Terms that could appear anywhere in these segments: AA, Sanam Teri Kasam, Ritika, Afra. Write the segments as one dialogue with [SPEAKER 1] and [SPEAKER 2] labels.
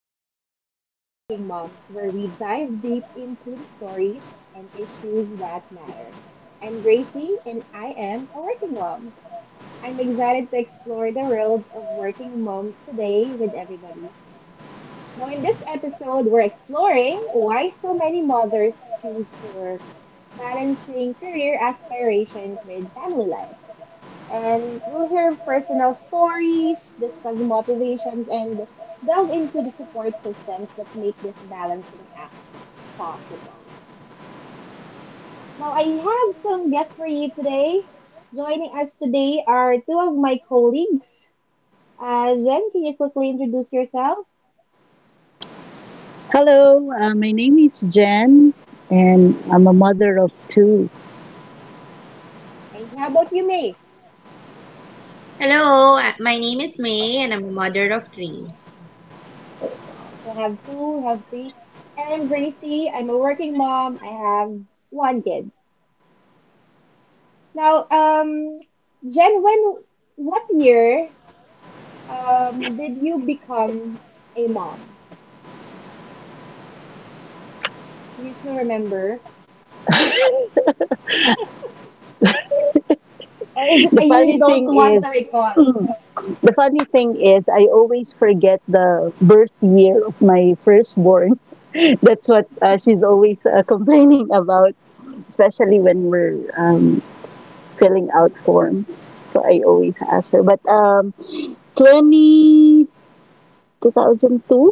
[SPEAKER 1] to As Working Moms, where we dive deep into the stories and issues that matter. I'm Gracie, and I am a working mom. I'm excited to explore the world of working moms today with everybody. Now, in this episode, we're exploring why so many mothers choose to work, balancing career aspirations with family life, and we'll hear personal stories, discuss motivations, and delve into the support systems that make this balancing act possible. Now, I have some guests for you today. Joining us today are two of my colleagues. Jen, can you quickly introduce yourself?
[SPEAKER 2] Hello, my name is Jen, and I'm a mother of two.
[SPEAKER 1] Thank you. How about you, May?
[SPEAKER 3] Hello, my name is May and I'm a mother of three.
[SPEAKER 1] I also have three. And I'm Gracie. I'm a working mom. I have one kid. Now, Jen, when what year did you become a mom? Do you still remember, or is it
[SPEAKER 2] The
[SPEAKER 1] a year
[SPEAKER 2] funny
[SPEAKER 1] you don't
[SPEAKER 2] thing
[SPEAKER 1] want to
[SPEAKER 2] is,
[SPEAKER 1] recall?
[SPEAKER 2] the funny thing is, I always forget the birth year of my firstborn. That's what she's always complaining about, especially when we're filling out forms. So I always ask her. But 20, 2002,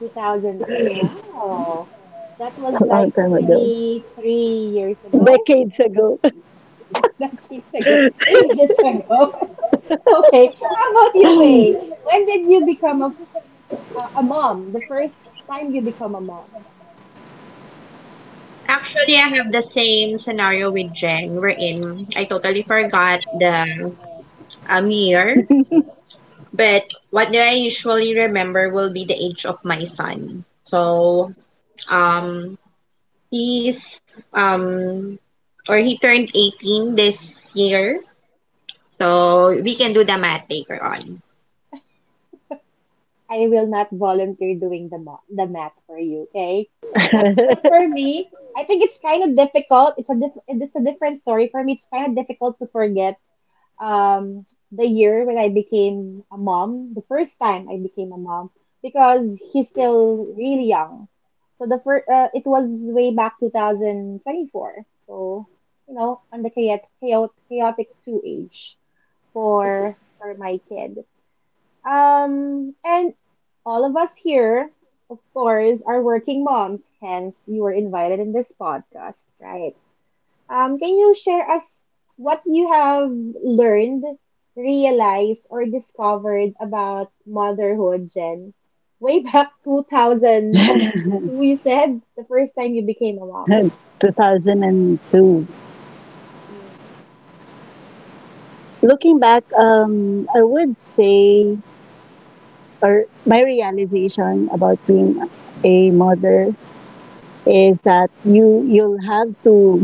[SPEAKER 1] 2002. Wow, that was
[SPEAKER 2] a
[SPEAKER 1] like
[SPEAKER 2] long time ago,
[SPEAKER 1] 23 years ago.
[SPEAKER 2] decades ago,
[SPEAKER 1] That years ago, ages ago. Okay, how about you, May? When did you become a mom? The first time you become a mom?
[SPEAKER 3] Actually, I have the same scenario with Jen wherein I totally forgot the year, but what do I usually remember will be the age of my son. So, um, he's, or he turned 18 this year. So, we can do the math later on.
[SPEAKER 1] I will not volunteer doing the the math for you, okay? But for me, I think it's kind of difficult. It's a different story for me. It's kind of difficult to forget um the year when I became a mom, the first time I became a mom because he's still really young. So the first it was way back 2024. So, you know, on the chaotic 2 age for my kid. And all of us here, of course, are working moms, hence you were invited in this podcast, right? Can you share us what you have learned, realized, or discovered about motherhood, Jen? Way back 2000,
[SPEAKER 2] 2002.
[SPEAKER 1] we said the first time you became a mom. Hmm.
[SPEAKER 2] Looking back, I would say, or my realization about being a mother is that you'll have to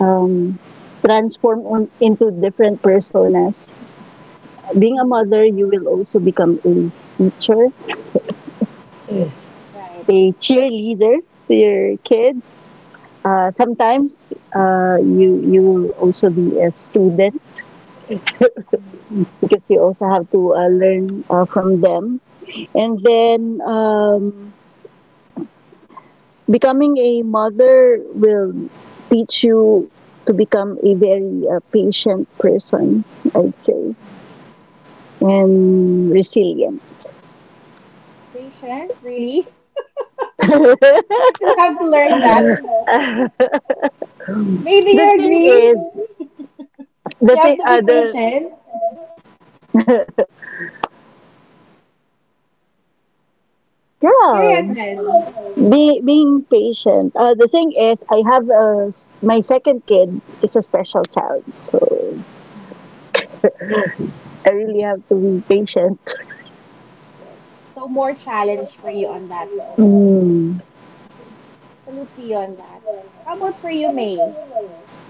[SPEAKER 2] um, transform on, into different personas. Being a mother,
[SPEAKER 1] Mhm.
[SPEAKER 2] you will also become a teacher,
[SPEAKER 1] Right.
[SPEAKER 2] a cheerleader to your kids. Sometimes you will also be a student
[SPEAKER 1] Hmm.
[SPEAKER 2] because you also have to learn from them. And then Becoming a mother will teach you to become a very patient person, I'd say, and resilient.
[SPEAKER 1] Patient? Really? I
[SPEAKER 2] the
[SPEAKER 1] still have to learn that. Maybe you
[SPEAKER 2] thing
[SPEAKER 1] agree?
[SPEAKER 2] is,
[SPEAKER 1] You
[SPEAKER 2] the
[SPEAKER 1] have
[SPEAKER 2] thing,
[SPEAKER 1] to be
[SPEAKER 2] the
[SPEAKER 1] patient.
[SPEAKER 2] yeah,
[SPEAKER 1] Curious then.
[SPEAKER 2] being patient. The thing is, my second kid is a special child, so
[SPEAKER 1] Mhm, mhm.
[SPEAKER 2] I really have to be patient.
[SPEAKER 1] Alright. So more challenge for you on that note. Okay.
[SPEAKER 2] Mm.
[SPEAKER 1] Okay. Salute to you on that. How about for you, May?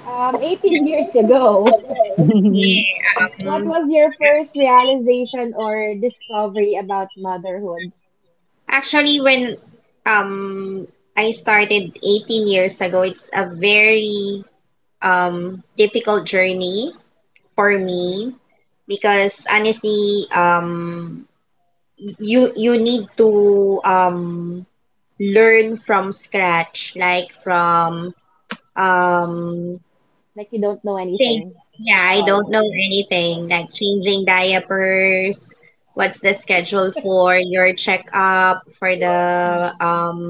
[SPEAKER 3] Yeah.
[SPEAKER 1] 18 years ago, what
[SPEAKER 3] Um,
[SPEAKER 1] was your first realization or discovery about motherhood?
[SPEAKER 3] Actually, when um I started 18 years ago, it's a very difficult journey for
[SPEAKER 1] Hmm.
[SPEAKER 3] me because honestly, you need to learn from scratch, like from um
[SPEAKER 1] Like you don't know
[SPEAKER 3] Change.
[SPEAKER 1] anything at
[SPEAKER 3] Yeah, I don't
[SPEAKER 1] all.
[SPEAKER 3] know anything like changing diapers. What's the schedule for your checkup for the
[SPEAKER 1] Mhm,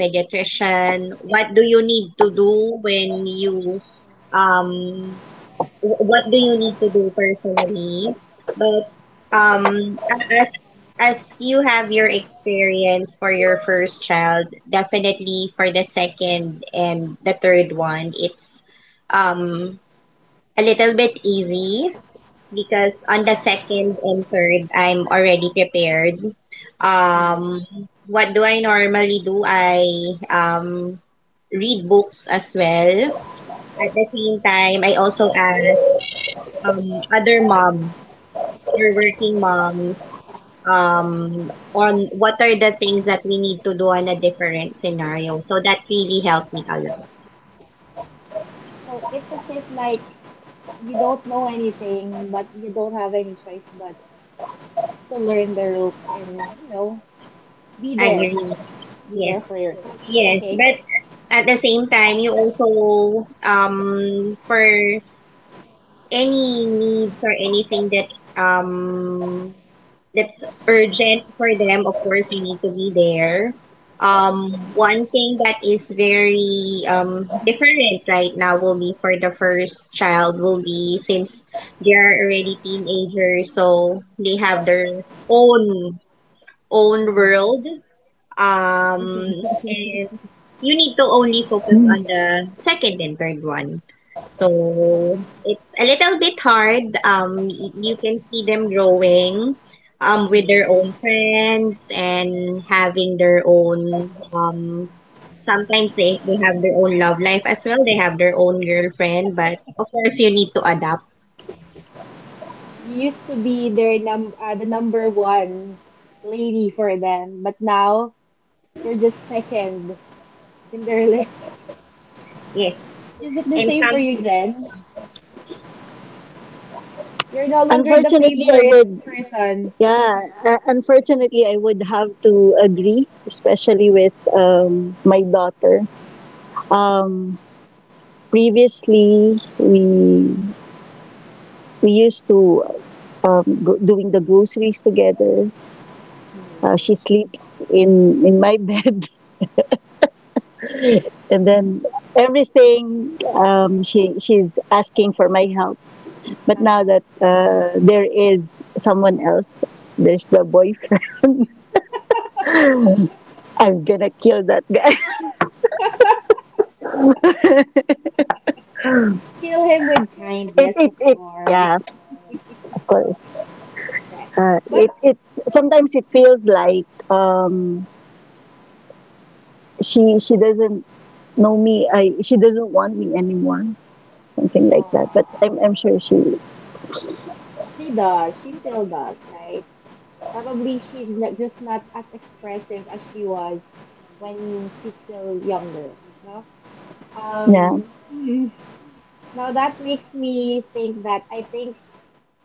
[SPEAKER 3] pediatrician? What do you need to do when you um what do you need to do personally? But um as as you have your experience for your first child, definitely for the second and the third one, it's um a little bit easy because on the second and third, I'm already prepared.
[SPEAKER 1] mhm,
[SPEAKER 3] Um, what do I normally do? I um, read books as well. At the same time, I also ask other moms or working
[SPEAKER 1] mhm.
[SPEAKER 3] moms on what are the things that we need to do on a different scenario. So that really helped me a lot.
[SPEAKER 1] So it's as if like you don't know anything, but you don't have any choice but to learn the ropes and, you know, be there.
[SPEAKER 3] Agree.
[SPEAKER 1] Be there
[SPEAKER 3] Yes.
[SPEAKER 1] for your kid.
[SPEAKER 3] Yes.
[SPEAKER 1] Okay?
[SPEAKER 3] But at the same time, you also for any needs or anything that um that's urgent for them, of course, you need to be there. Um,
[SPEAKER 1] Mhm.
[SPEAKER 3] one thing that is very different right now will be for the first child will be since they are already teenagers, so they have their own own
[SPEAKER 1] Mm.
[SPEAKER 3] world. Um, you need to only focus on the second and third one. So
[SPEAKER 1] Okay.
[SPEAKER 3] it's a little bit hard. Y- you can see them growing, with their
[SPEAKER 1] Mhm.
[SPEAKER 3] own friends and having their own. Sometimes they have their own love life as well. They have their own girlfriend, but of course you need to adapt.
[SPEAKER 1] You used to be their number one lady for them, but now you're just second in their list.
[SPEAKER 3] Yes,
[SPEAKER 1] Is it the
[SPEAKER 3] and
[SPEAKER 1] same for
[SPEAKER 3] some
[SPEAKER 1] you, Jen? You're no longer the
[SPEAKER 2] Unfortunately, I
[SPEAKER 1] favorite
[SPEAKER 2] would
[SPEAKER 1] person.
[SPEAKER 2] Yeah, unfortunately, I would have to agree, especially with my daughter. Um, Previously, we used to doing the groceries together. She
[SPEAKER 1] Mhm.
[SPEAKER 2] sleeps in my bed, and then everything she's asking for my help. But now
[SPEAKER 1] Uh-huh.
[SPEAKER 2] that there is someone else, there's the boyfriend. I'm gonna kill that guy.
[SPEAKER 1] Kill him with
[SPEAKER 2] It
[SPEAKER 1] kindness,
[SPEAKER 2] it
[SPEAKER 1] of
[SPEAKER 2] it yeah,
[SPEAKER 1] course.
[SPEAKER 2] of course.
[SPEAKER 1] Right. But
[SPEAKER 2] It it sometimes it feels like she doesn't know me. I She doesn't want me anymore. Something like that. But
[SPEAKER 1] uh,
[SPEAKER 2] I'm sure she
[SPEAKER 1] she does. She still does, right? Probably she's not, just not as expressive as she was when she's still younger. No.
[SPEAKER 2] yeah.
[SPEAKER 1] Um. Now that makes me think that I think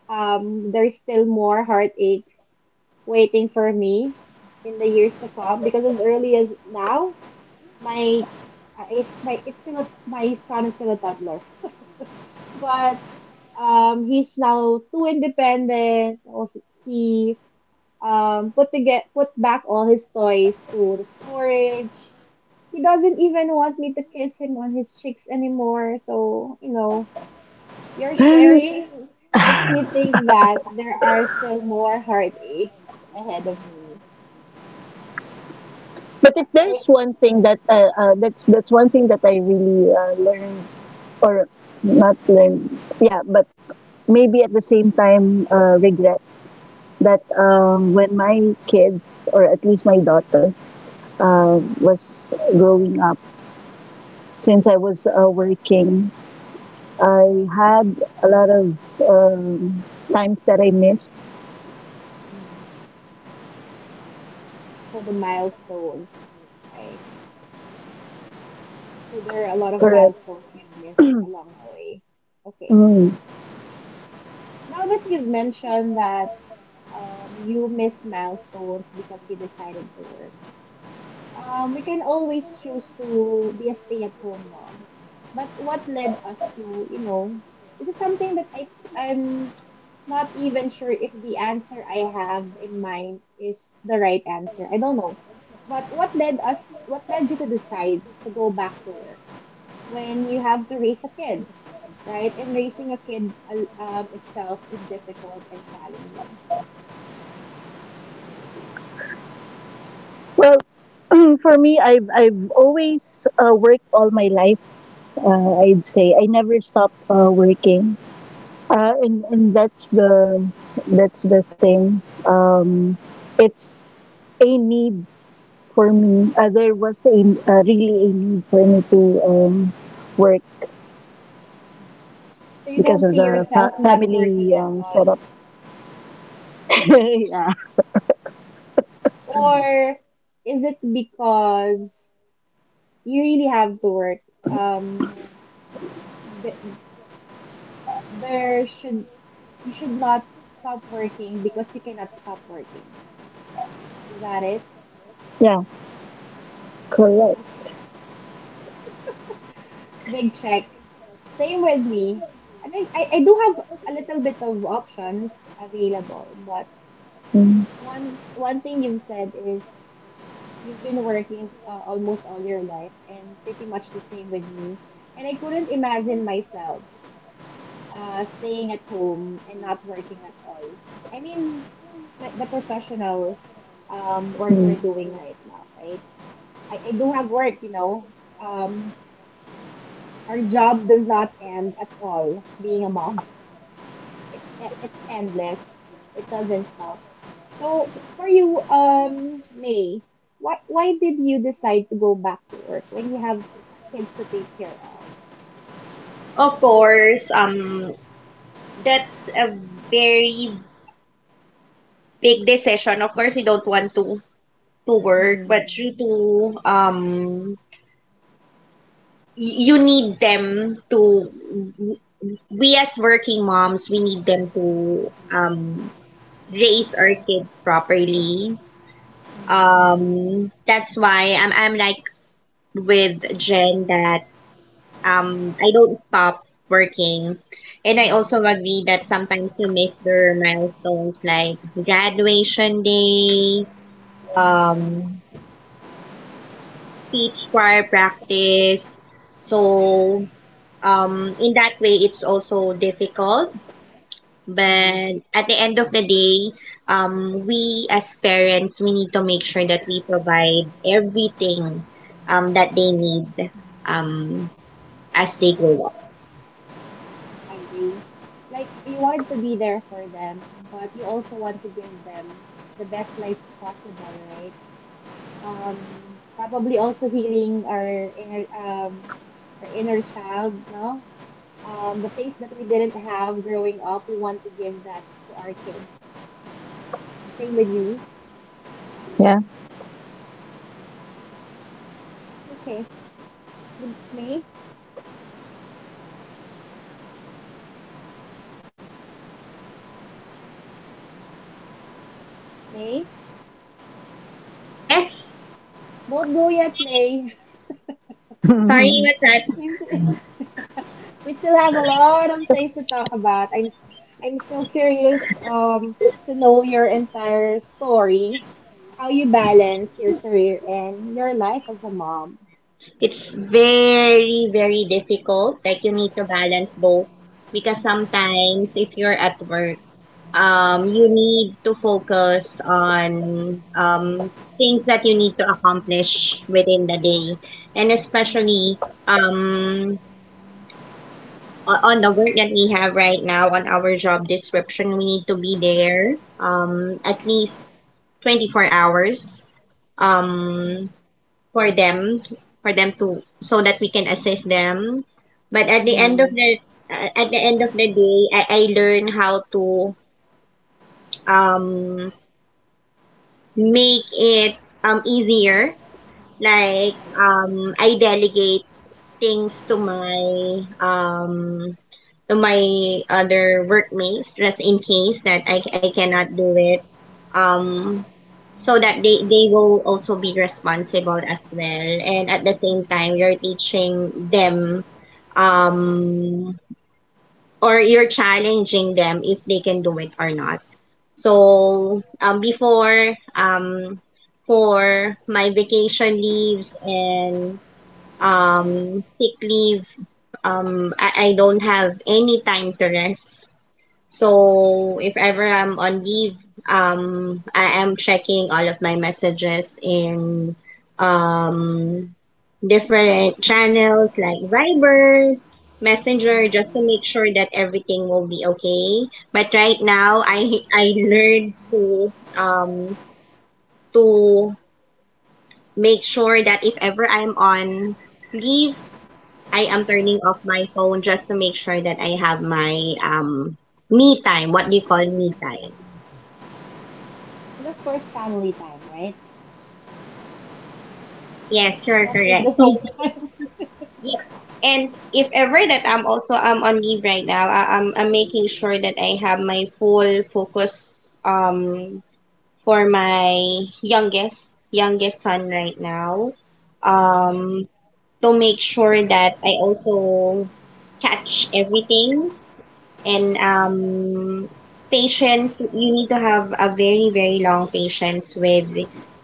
[SPEAKER 1] there's still more heartaches waiting for me in the years to come because as early as now, my, is- my it's my son is still a toddler, but he's now too independent. Oh, He put to get put back all his toys to the storage. He doesn't even want me to kiss him on his cheeks anymore. So, you know, your sharing makes me think that there are still more heartaches ahead of me.
[SPEAKER 2] But if
[SPEAKER 1] Right?
[SPEAKER 2] there's one thing that that's one thing that I really learned or not learned. Yeah, but maybe at the same time regret that when my kids or at least my daughter was growing up since I was working. I had a lot of um, times that I missed.
[SPEAKER 1] Mhm. So the milestones, right? So there are a lot of
[SPEAKER 2] Correct.
[SPEAKER 1] milestones you've missed along the way. Okay.
[SPEAKER 2] Mm.
[SPEAKER 1] Now that you've mentioned that you missed milestones because you decided to work. We can always choose to be a stay-at-home mom. But what led us to, you know, this is something that I'm not even sure if the answer I have in mind is the right answer. I don't know. But what led you to decide to go back to work when you have to raise a kid, right? And raising a kid itself is difficult and challenging.
[SPEAKER 2] Well, for me, I've always worked all my life. I'd say I never stopped working, and that's the thing. Um, it's a need for me. There was a Really a need for me to um, work
[SPEAKER 1] So you don't
[SPEAKER 2] because of
[SPEAKER 1] see
[SPEAKER 2] the
[SPEAKER 1] yourself not working
[SPEAKER 2] family
[SPEAKER 1] at
[SPEAKER 2] setup.
[SPEAKER 1] all?
[SPEAKER 2] Yeah,
[SPEAKER 1] Or is it because you really have to work? Um, th- there should you should not stop working because you cannot stop working. Is that it?
[SPEAKER 2] yeah,
[SPEAKER 1] Okay.
[SPEAKER 2] correct.
[SPEAKER 1] Okay. Big check. Same with me. I think I do have a little bit of options available, but one thing you've said is you've been working almost all your life, and pretty much the same with me. And I couldn't imagine myself staying at home and not working at all. I mean, like the professional work
[SPEAKER 2] Mm-hmm.
[SPEAKER 1] we're doing right now, right? I do have work, you know. Um, our job does not end at all being a mom. It's endless. It doesn't stop. So for you, May, why did you decide to go back to work when you have kids to take care of?
[SPEAKER 3] of course that's a very big decision. Of course you don't want to work, but
[SPEAKER 1] Hmm.
[SPEAKER 3] due to y- you need them to. We as working moms, we need them to raise our kids properly.
[SPEAKER 1] Hmm.
[SPEAKER 3] That's why I'm like with Jen that I don't stop working, and I
[SPEAKER 1] Hmm.
[SPEAKER 3] also agree that sometimes you miss their milestones like graduation day,
[SPEAKER 1] Hmm.
[SPEAKER 3] um, speech choir practice. So
[SPEAKER 1] Right. Right.
[SPEAKER 3] in that way it's also difficult,
[SPEAKER 1] Mm-hmm.
[SPEAKER 3] but at the end of the day, we as parents we need to make sure that we provide everything that they need
[SPEAKER 1] Mhm.
[SPEAKER 3] um, as they grow up.
[SPEAKER 1] Agree. Like you want to be there for them, but you also want to give them the best life possible, right? Probably also healing our inner child, no? Um, the things that we didn't have growing up, we want to give that to our kids. Same with you.
[SPEAKER 2] Yeah.
[SPEAKER 1] Okay. With May? May?
[SPEAKER 3] Yeah,
[SPEAKER 1] Don't go yet, May.
[SPEAKER 3] sorry
[SPEAKER 2] um,
[SPEAKER 3] with that,
[SPEAKER 1] we still we still have a lot of things to talk about. I'm still curious to know your entire story, how you balance your career and your life as a mom.
[SPEAKER 3] it's very, very difficult like you need to balance both because sometimes if you're at work, you need to focus on things that you need to accomplish within the day. And
[SPEAKER 1] Mhm.
[SPEAKER 3] especially um, o- on the work that we have right now on our job description, we need to be there at least 24 hours um, for them, for them to, so that we can assist them. But at the end of
[SPEAKER 1] Mhm.
[SPEAKER 3] the, at the end of the day, I learn how to um, make it easier like I delegate things um to my other workmates just in case that I cannot do it um so that they will also be responsible as well, and at the same time
[SPEAKER 1] Mhm.
[SPEAKER 3] you're teaching them um or you're challenging them if they can do it or not. So, before, for my vacation leaves and sick leave, I don't have any time to rest. So if ever I'm on leave, I am checking all of my messages in um different channels like Viber, Messenger, just to
[SPEAKER 1] Mhm.
[SPEAKER 3] make sure that everything will be okay. But right now, I
[SPEAKER 1] Right.
[SPEAKER 3] I learned um to make sure that if ever I'm on leave, I am turning off my phone just to make sure that I have my me time. What do you call me time?
[SPEAKER 1] And of course, family time, right?
[SPEAKER 3] Yes, sure,
[SPEAKER 1] Not just the
[SPEAKER 3] correct. So
[SPEAKER 1] me time.
[SPEAKER 3] yes, and if ever that I'm also I'm on leave right now, I'm making sure that I have my full focus um for my youngest son right now, um to make sure that I also catch everything and patience. You need to have a very, very long patience with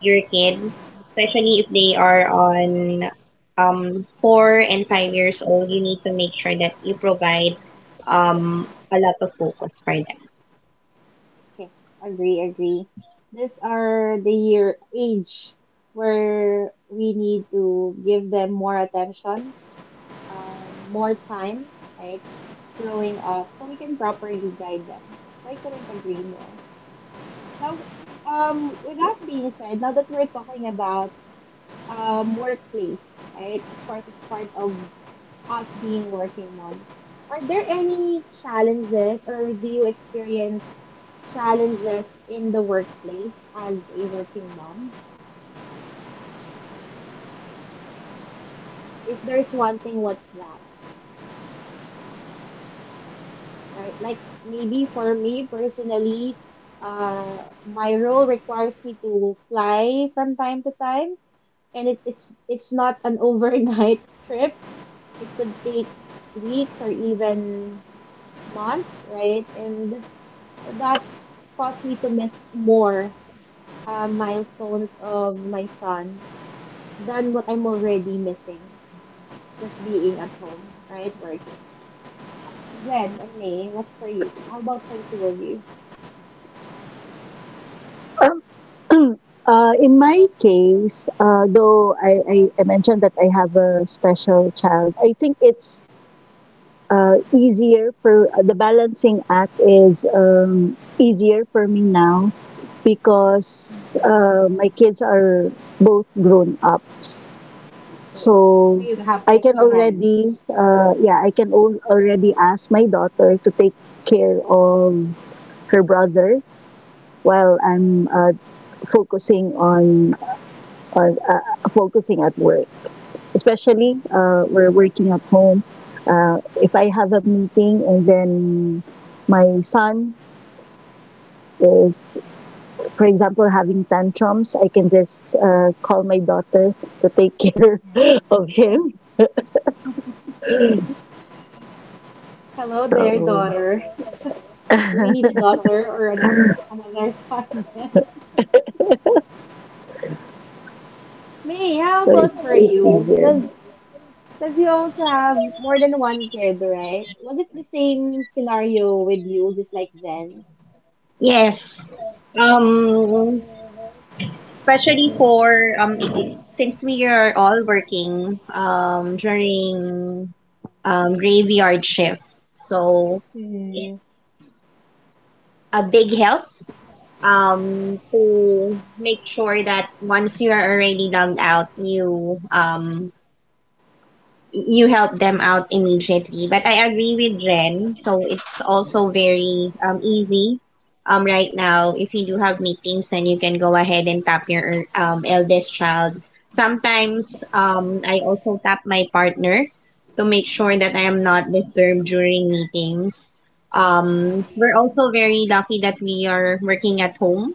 [SPEAKER 3] your kid, especially if they are on 4 and 5 years old. You need to make sure that you provide a lot of focus for them.
[SPEAKER 1] Okay, agree, agree. These are the year age where we need to give them more attention, more time, right? Growing up, so we can properly guide them. So I couldn't agree more. Now, with that being said, now that we're talking about workplace, right? Of course, it's part of us being working moms. Are there any challenges or do you experience challenges in the workplace as a working mom? If there's one thing, what's that? Right? Like maybe for me personally, my role requires me to fly from time to time, and it's not an overnight trip. It could take weeks or even months, right? And that caused me to miss more milestones of my son than what I'm already missing just being at home, right? Working. Jen and May, what's for you? How about for the two of you?
[SPEAKER 2] in my case, though I mentioned that I have a special child, I think it's easier for the balancing act is easier for me now because
[SPEAKER 1] Mhm.
[SPEAKER 2] my kids are both grown ups.
[SPEAKER 1] Great. So
[SPEAKER 2] So
[SPEAKER 1] you have
[SPEAKER 2] I can
[SPEAKER 1] extra hands.
[SPEAKER 2] already, yeah, I can already ask my daughter to take care of her brother while I'm focusing on focusing at work. Especially we're working at home. If I have a meeting and then my son is, for example, having tantrums, I can just call my daughter to take care of him.
[SPEAKER 1] Hello there,
[SPEAKER 2] So,
[SPEAKER 1] daughter. Do we need a
[SPEAKER 2] so
[SPEAKER 1] daughter or another son? May, how about
[SPEAKER 2] it's
[SPEAKER 1] for
[SPEAKER 2] it's
[SPEAKER 1] you?
[SPEAKER 2] easier.
[SPEAKER 1] Does Because you also have more than one kid, right? Was it the same scenario with you, just like Jen?
[SPEAKER 3] Yes. Um, especially for I- since we are all working during graveyard shift, so it's
[SPEAKER 1] Mhm.
[SPEAKER 3] a big help to make sure that once you are already logged out you you help them out immediately, but I agree with jen, so it's also very easy right now if you do have meetings, then you can go ahead and tap your eldest child. Sometimes I also tap my partner to make sure that I am not disturbed during meetings. We're also very lucky that we are working at home,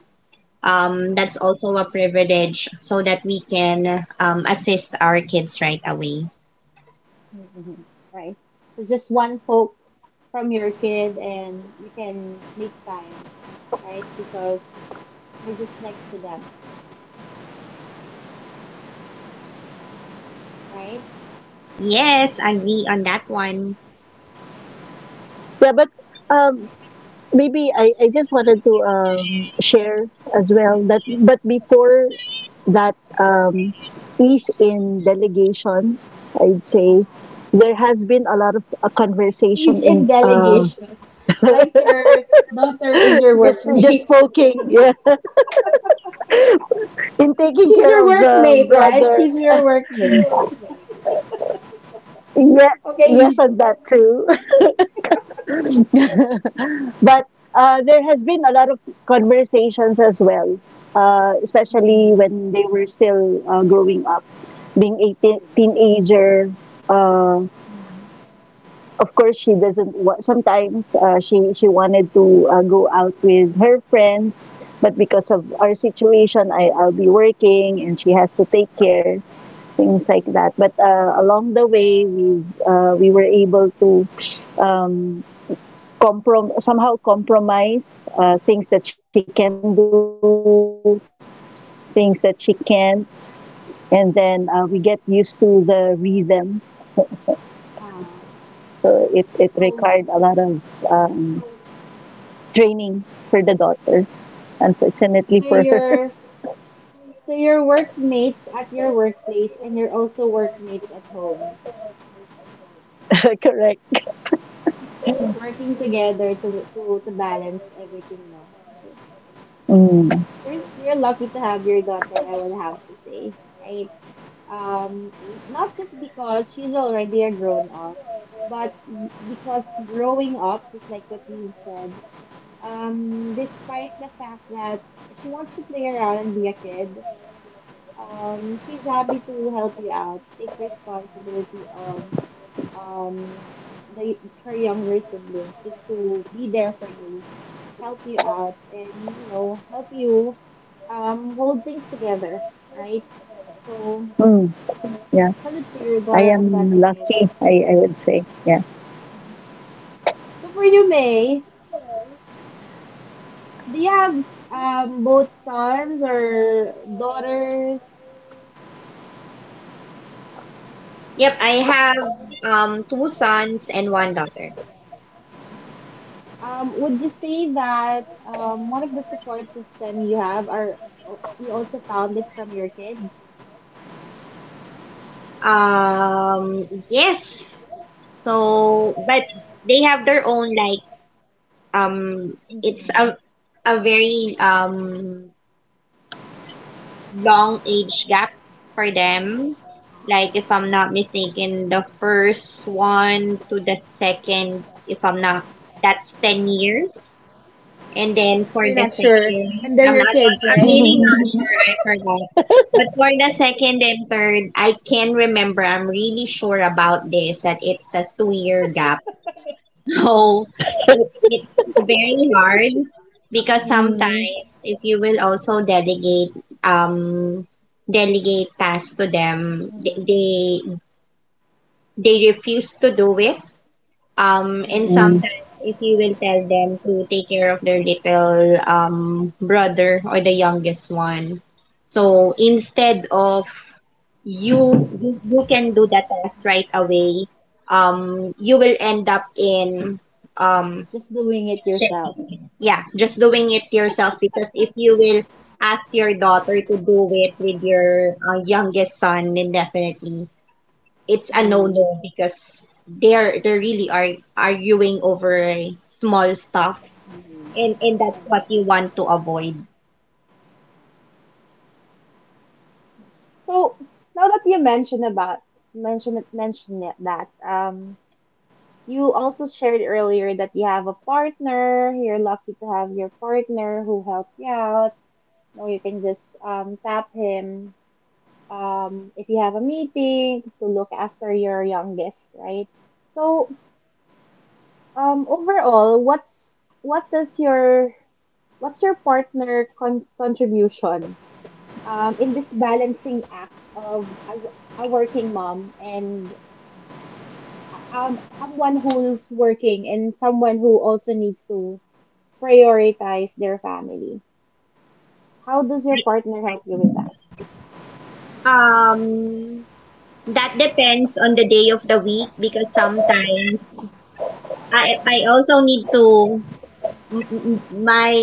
[SPEAKER 3] that's also a privilege so that we can assist our kids right away.
[SPEAKER 1] Mhm. Right. So just one poke from your kid, and you can make time, right? Because you're just next to them, right?
[SPEAKER 3] Yes, agree on that one.
[SPEAKER 2] Yeah, but um, maybe I just wanted to share as well that but before that ease in delegation, I'd say
[SPEAKER 1] Ah,
[SPEAKER 2] there has been a lot of
[SPEAKER 1] please
[SPEAKER 2] conversation
[SPEAKER 1] in
[SPEAKER 2] in
[SPEAKER 1] delegation. Like your daughter is your
[SPEAKER 2] just
[SPEAKER 1] workmate.
[SPEAKER 2] just poking, yeah, in taking
[SPEAKER 1] She's
[SPEAKER 2] care
[SPEAKER 1] your
[SPEAKER 2] of the
[SPEAKER 1] workmate, right?
[SPEAKER 2] brother,
[SPEAKER 1] She's your workmate.
[SPEAKER 2] yeah. Yes,
[SPEAKER 1] Okay,
[SPEAKER 2] and that too. but There has been a lot of conversations as well, especially
[SPEAKER 1] Mhm.
[SPEAKER 2] when they were still growing up, being a
[SPEAKER 1] Mhm.
[SPEAKER 2] teenager, uh,
[SPEAKER 1] Mhm.
[SPEAKER 2] of course she doesn't. Sometimes she wanted to go out with her friends, but because of our situation, I'll be working and she has to take care, things like that.
[SPEAKER 1] Mhm.
[SPEAKER 2] But along the way, we were able to. Um, Somehow compromise things that she can do, things that she can't, and then we get used to the rhythm. So it,
[SPEAKER 1] Ah,
[SPEAKER 2] it required a lot of
[SPEAKER 1] so
[SPEAKER 2] um, training for the daughter, unfortunately for her.
[SPEAKER 1] so your your workmates at your workplace and you're also workmates at home,
[SPEAKER 2] Correct.
[SPEAKER 1] working together to to balance everything, no? Okay.
[SPEAKER 2] Mm.
[SPEAKER 1] You're lucky to have your daughter, I would have to say, right? Um, not just because she's already a grown up, but because growing up, just like what you said, um, despite the fact that she wants to play around and be a kid, um, she's happy to help you out, take responsibility of, um, the her younger siblings, just to be there for you, help you out, and, you know, help you, um, hold things together, right? So
[SPEAKER 2] Mm. Yeah,
[SPEAKER 1] salute to
[SPEAKER 2] I
[SPEAKER 1] your daughter
[SPEAKER 2] am
[SPEAKER 1] on that
[SPEAKER 2] lucky,
[SPEAKER 1] again.
[SPEAKER 2] I would say. Yeah.
[SPEAKER 1] So for you, May, do you have both sons or daughters?
[SPEAKER 3] Yep, I have two sons and one daughter.
[SPEAKER 1] Would you say that one of the support system you have are oh, you also found it from your kids?
[SPEAKER 3] Yes. So, but they have their own like um, it's
[SPEAKER 1] Mm.
[SPEAKER 3] a very long age gap for them.
[SPEAKER 1] Ah,
[SPEAKER 3] Like, if
[SPEAKER 1] okay.
[SPEAKER 3] I'm not mistaken, the first one to the second, if I'm not, that's 10 years. And then for
[SPEAKER 1] You're
[SPEAKER 3] the
[SPEAKER 1] not sure,
[SPEAKER 3] second,
[SPEAKER 1] and they're
[SPEAKER 3] I'm
[SPEAKER 1] your
[SPEAKER 3] not,
[SPEAKER 1] kids,
[SPEAKER 3] I'm
[SPEAKER 1] right?
[SPEAKER 3] really not sure. I forgot. But for the second and third, I can remember, I'm really sure about this, that it's a 2 year gap. Oh, it's very hard because
[SPEAKER 1] Mm.
[SPEAKER 3] sometimes if you will also delegate um tasks to them, th-
[SPEAKER 1] Mm-mm.
[SPEAKER 3] they they refuse to do it. And
[SPEAKER 1] Mm.
[SPEAKER 2] Mm.
[SPEAKER 3] sometimes if you will tell them to take care of their little brother or the youngest one, so instead of you you can do the task right away, you will end up in um
[SPEAKER 1] Just doing it yourself.
[SPEAKER 3] yeah, just doing it yourself because if you will ask your daughter to do it with your youngest son, then definitely it's a
[SPEAKER 1] Mm.
[SPEAKER 3] no-no because they're they really are arguing over small stuff, and that's what you want to avoid.
[SPEAKER 1] So now that you mentioned about mentioned mentioned that, you also shared earlier that you have a partner. You're lucky to have your partner who helped you out. No, you can just tap him if you have a meeting to look after your youngest, right? So overall, what does your what's your partner contribution in this balancing act of as a working mom and someone who's working and someone who also needs to prioritize their family. How does your partner help you with that?
[SPEAKER 3] Um, that depends on the day of the week because sometimes I also need to my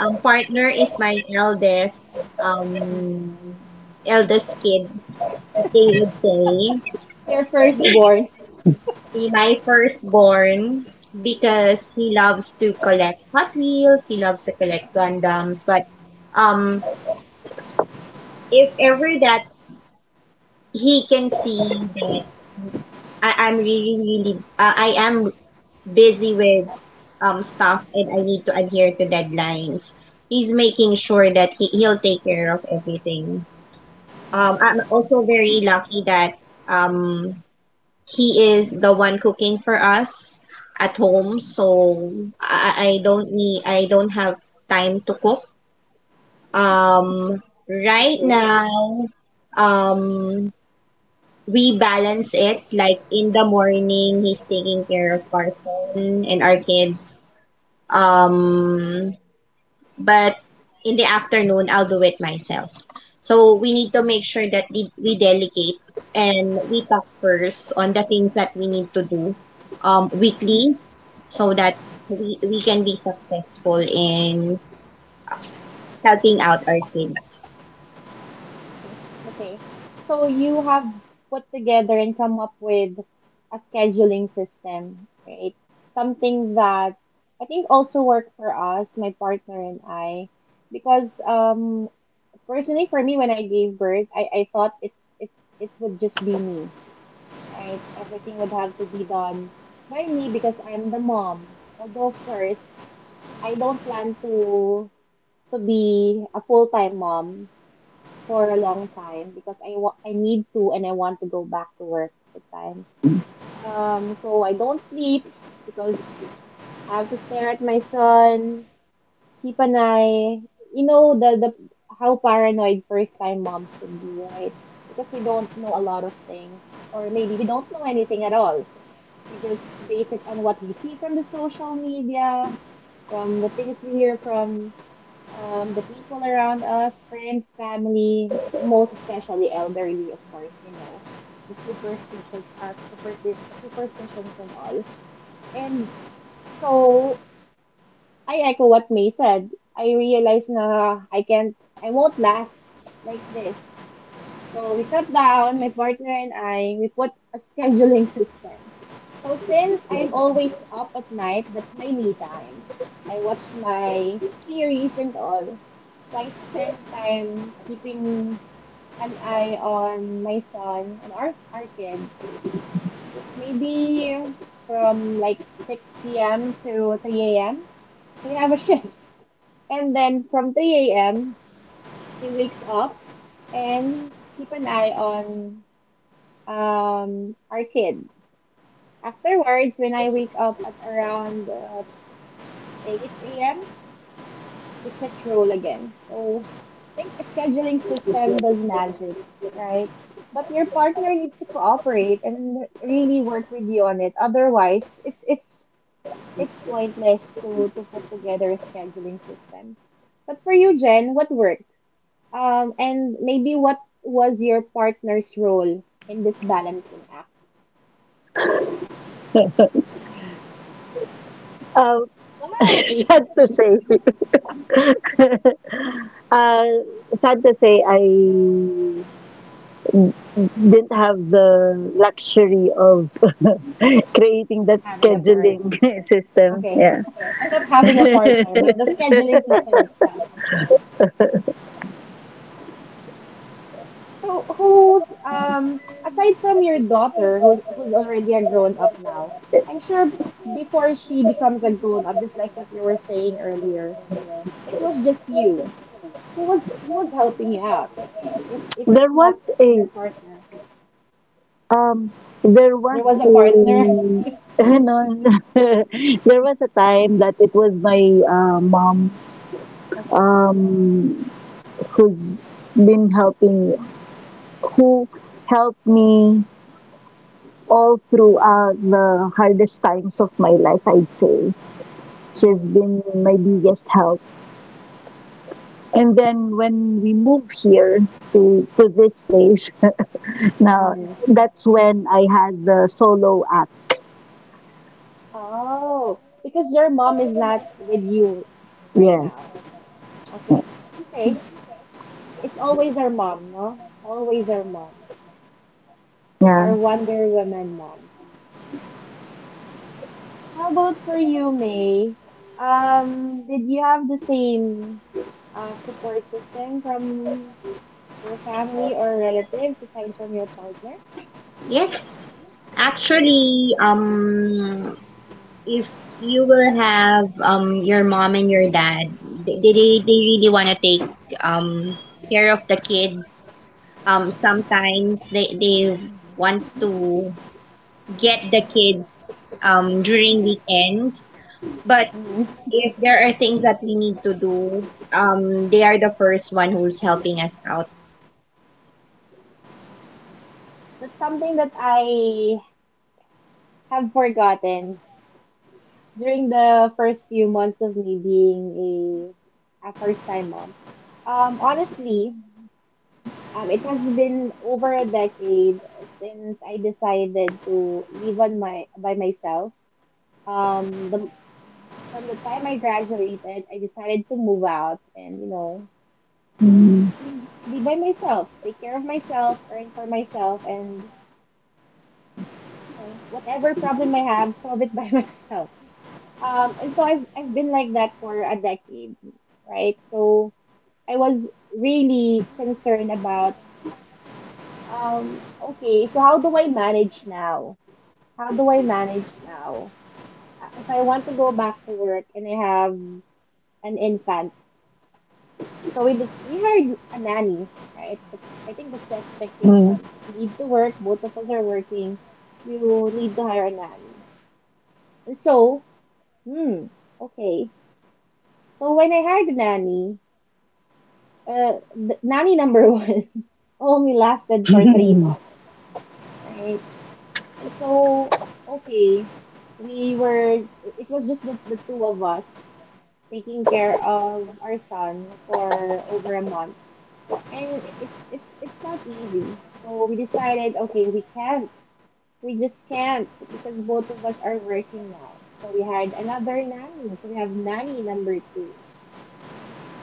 [SPEAKER 3] partner is my eldest um eldest kid, they would say.
[SPEAKER 1] Your firstborn.
[SPEAKER 3] He's my firstborn because he loves to collect hot wheels, he loves to collect gundams, but um if ever that he can see that I, I'm really really I am busy with stuff and I need to adhere to deadlines. He's making sure that he'll take care of everything.
[SPEAKER 1] Mhm.
[SPEAKER 3] I'm also very lucky that um he is the one cooking for us at home, so
[SPEAKER 1] Mhm.
[SPEAKER 3] I don't have time to cook. Um, right
[SPEAKER 1] Okay.
[SPEAKER 3] now, um, we balance it like in the morning he's taking care of our son and our kids. Um,
[SPEAKER 1] Mhm.
[SPEAKER 3] but in the afternoon, I'll do it myself. So we need to make sure that we delegate and we talk first on the things that we need to do weekly so that we can be successful in helping out our kids.
[SPEAKER 1] Okay. Okay. So you have put together and come up with a scheduling system, right? Something that I think also worked for us, my partner and I, because personally for me when I gave birth, I thought it would just be me, right? Everything would have to be done by me because I'm the mom. Although of course, I don't plan to be a full-time mom for a long time because I need to and I want to go back to work at the time. So I don't sleep because I have to stare at my son, keep an eye. You know the how paranoid first time moms could be, right? Because we don't know a lot of things, or maybe we don't know anything at all. We just base it on what we see from the social media, from the things we hear from the people around us, friends, family, most especially elderly, of course. You know the superstitious, superstitions and all. And so I echo what May said. I realized na I can't, I won't last like this. So we sat down, my partner and I, we put a scheduling system. So since I'm always up at night, that's my me time. I watch my series and all. So I spend time keeping an eye on my son, on our kid. Maybe from like 6 p.m. to 3 a.m. So we have a shift. And then from 3 a.m., he wakes up and keep an eye on our kid. Afterwards, when I wake up at around 8 a.m., we switch role again. So I think the scheduling system does magic, right? But your partner needs to cooperate and really work with you on it. Otherwise, it's pointless to put together a scheduling system. But for you, Jen, what worked? And maybe what was your partner's role in this balancing act?
[SPEAKER 2] Uh,
[SPEAKER 1] Why?
[SPEAKER 2] Sad to say. uh, Sad to say, I didn't have the luxury of creating that
[SPEAKER 1] Having a partner.
[SPEAKER 2] scheduling system.
[SPEAKER 1] Okay.
[SPEAKER 2] Yeah.
[SPEAKER 1] I thought having a partner, but the scheduling system itself. Okay. So who's aside from your daughter who's already a grown up now, I'm sure before she becomes a grown up, just like what you were saying earlier, it was just you. Who was helping you out? If
[SPEAKER 2] There
[SPEAKER 1] it's not
[SPEAKER 2] was a
[SPEAKER 1] your partner.
[SPEAKER 2] um there
[SPEAKER 1] There
[SPEAKER 2] was
[SPEAKER 1] was
[SPEAKER 2] a
[SPEAKER 1] a partner.
[SPEAKER 2] no, there was a time that it was my mom,
[SPEAKER 1] Okay.
[SPEAKER 2] um who's been helping who helped me all throughout the hardest times of my life, I'd say. She's
[SPEAKER 1] Mm-hmm.
[SPEAKER 2] been my biggest help, and then when we moved here to this place, now
[SPEAKER 1] Hmm.
[SPEAKER 2] that's when I had the solo act.
[SPEAKER 1] Oh, because your mom is not with you right
[SPEAKER 2] Yeah,
[SPEAKER 1] now. Okay. Okay. It's always our mom, no? Always our mom.
[SPEAKER 2] yeah.
[SPEAKER 1] Our Wonder Woman moms. How about for you, May? Did you have the same support system from your family or relatives aside from your partner?
[SPEAKER 3] Yes, actually, if you will have your mom and your dad, they really want to take um care of the kids. Sometimes they
[SPEAKER 1] Mm.
[SPEAKER 3] want to get the kids during weekends, but
[SPEAKER 1] Mm.
[SPEAKER 3] if there are things that we need to do, they are the first one who's helping us.
[SPEAKER 1] That's something that I have forgotten during the first few months of me being a first time mom. Honestly, it has been over a decade since I decided to live on my by myself. Um, the, from the time I graduated, I decided to move out and you
[SPEAKER 2] Mhm.
[SPEAKER 1] know, be by myself, take care of myself, earn for myself, and you know, whatever problem I have, solve it by myself. And so I've been like that for a decade, right? So I was really concerned about okay, so how do I manage now? How do I manage now? If I want to go back to work and I have an infant, so we hired a nanny, right? That's, I think that's the
[SPEAKER 2] Mm,
[SPEAKER 1] expectation. I need to work. Both of us are working. You need to hire a nanny. And so, hmm, okay. So when I hired a nanny, the, nanny number one only lasted for 3 months, right? And so, okay, we were, it was just the two of us taking care of our son for over a month. And it's not easy. So we decided, okay, we can't, we just can't because both of us are working now. So we hired another nanny. So we have nanny number two.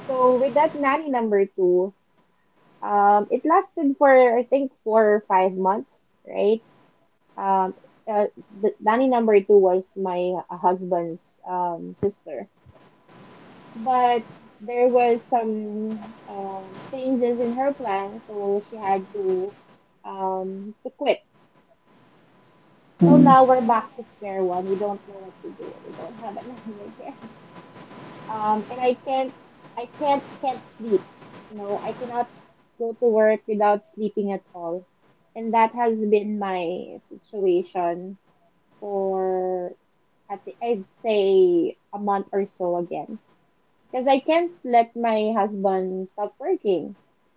[SPEAKER 1] So with that nanny number two, um, it lasted for I think 4 or 5 months, right? Um, the nanny number two was my husband's sister, but there was some changes in her plan, so she had to quit. So
[SPEAKER 2] mm,
[SPEAKER 1] now we're back to square one. We don't know what to do. We don't have a nanny again. Um, and I can't, can't sleep. You know, I cannot go to work without sleeping at all, and that has been my situation for, at the, I'd say a month or so again, because I can't let my husband stop working,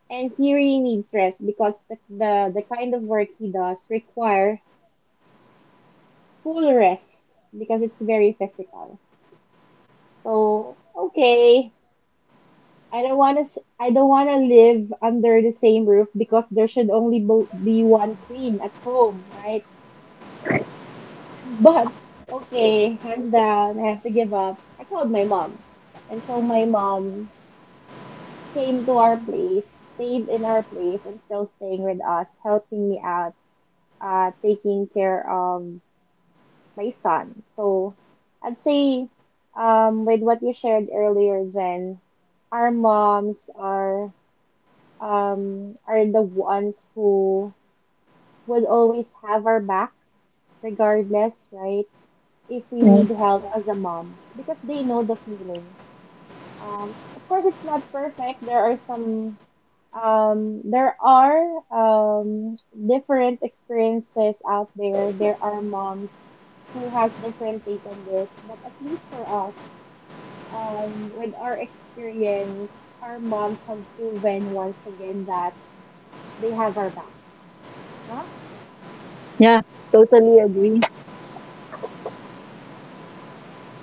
[SPEAKER 1] and he really needs rest because the kind of work he does require full rest because it's very physical. So okay, I don't want to. I don't want to live under the same roof because there should only be one queen at home, right? But okay, hands down, I have to give up. I called my mom, and so my mom came to our place, stayed in our place, and still staying with us, helping me out, taking care of my son. So I'd say, with what you shared earlier, then our moms are the ones who would always have our back, regardless, right? If we
[SPEAKER 2] mm.
[SPEAKER 1] need help as a mom, because they know the feeling. Of course, it's not perfect. There are some, there are different experiences out there. There are moms who has different take on this, but at least for us, with our experience, our moms have proven once again that they have our back. No?
[SPEAKER 2] Yeah, totally agree.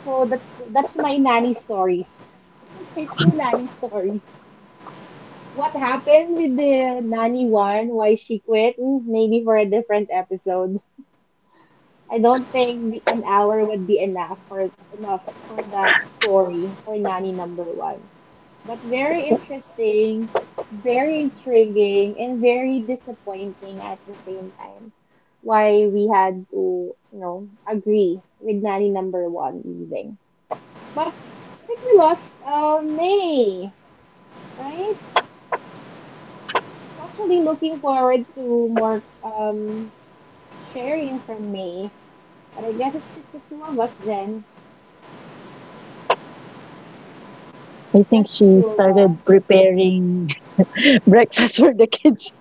[SPEAKER 1] So that's my nanny stories. My two nanny stories. What happened with the nanny one? Why she quit? Mm, maybe for a different episode. I don't think an hour would be enough for that story for nanny number one. But very interesting, very intriguing, and very disappointing at the same time. Why we had to, you know, agree with nanny number one leaving. But I think we lost May, right? Actually, looking forward to more sharing from May. But I guess it's just the two of us, Jen.
[SPEAKER 2] I think
[SPEAKER 1] Just the
[SPEAKER 2] she
[SPEAKER 1] two of
[SPEAKER 2] started
[SPEAKER 1] us.
[SPEAKER 2] preparing breakfast for the kids.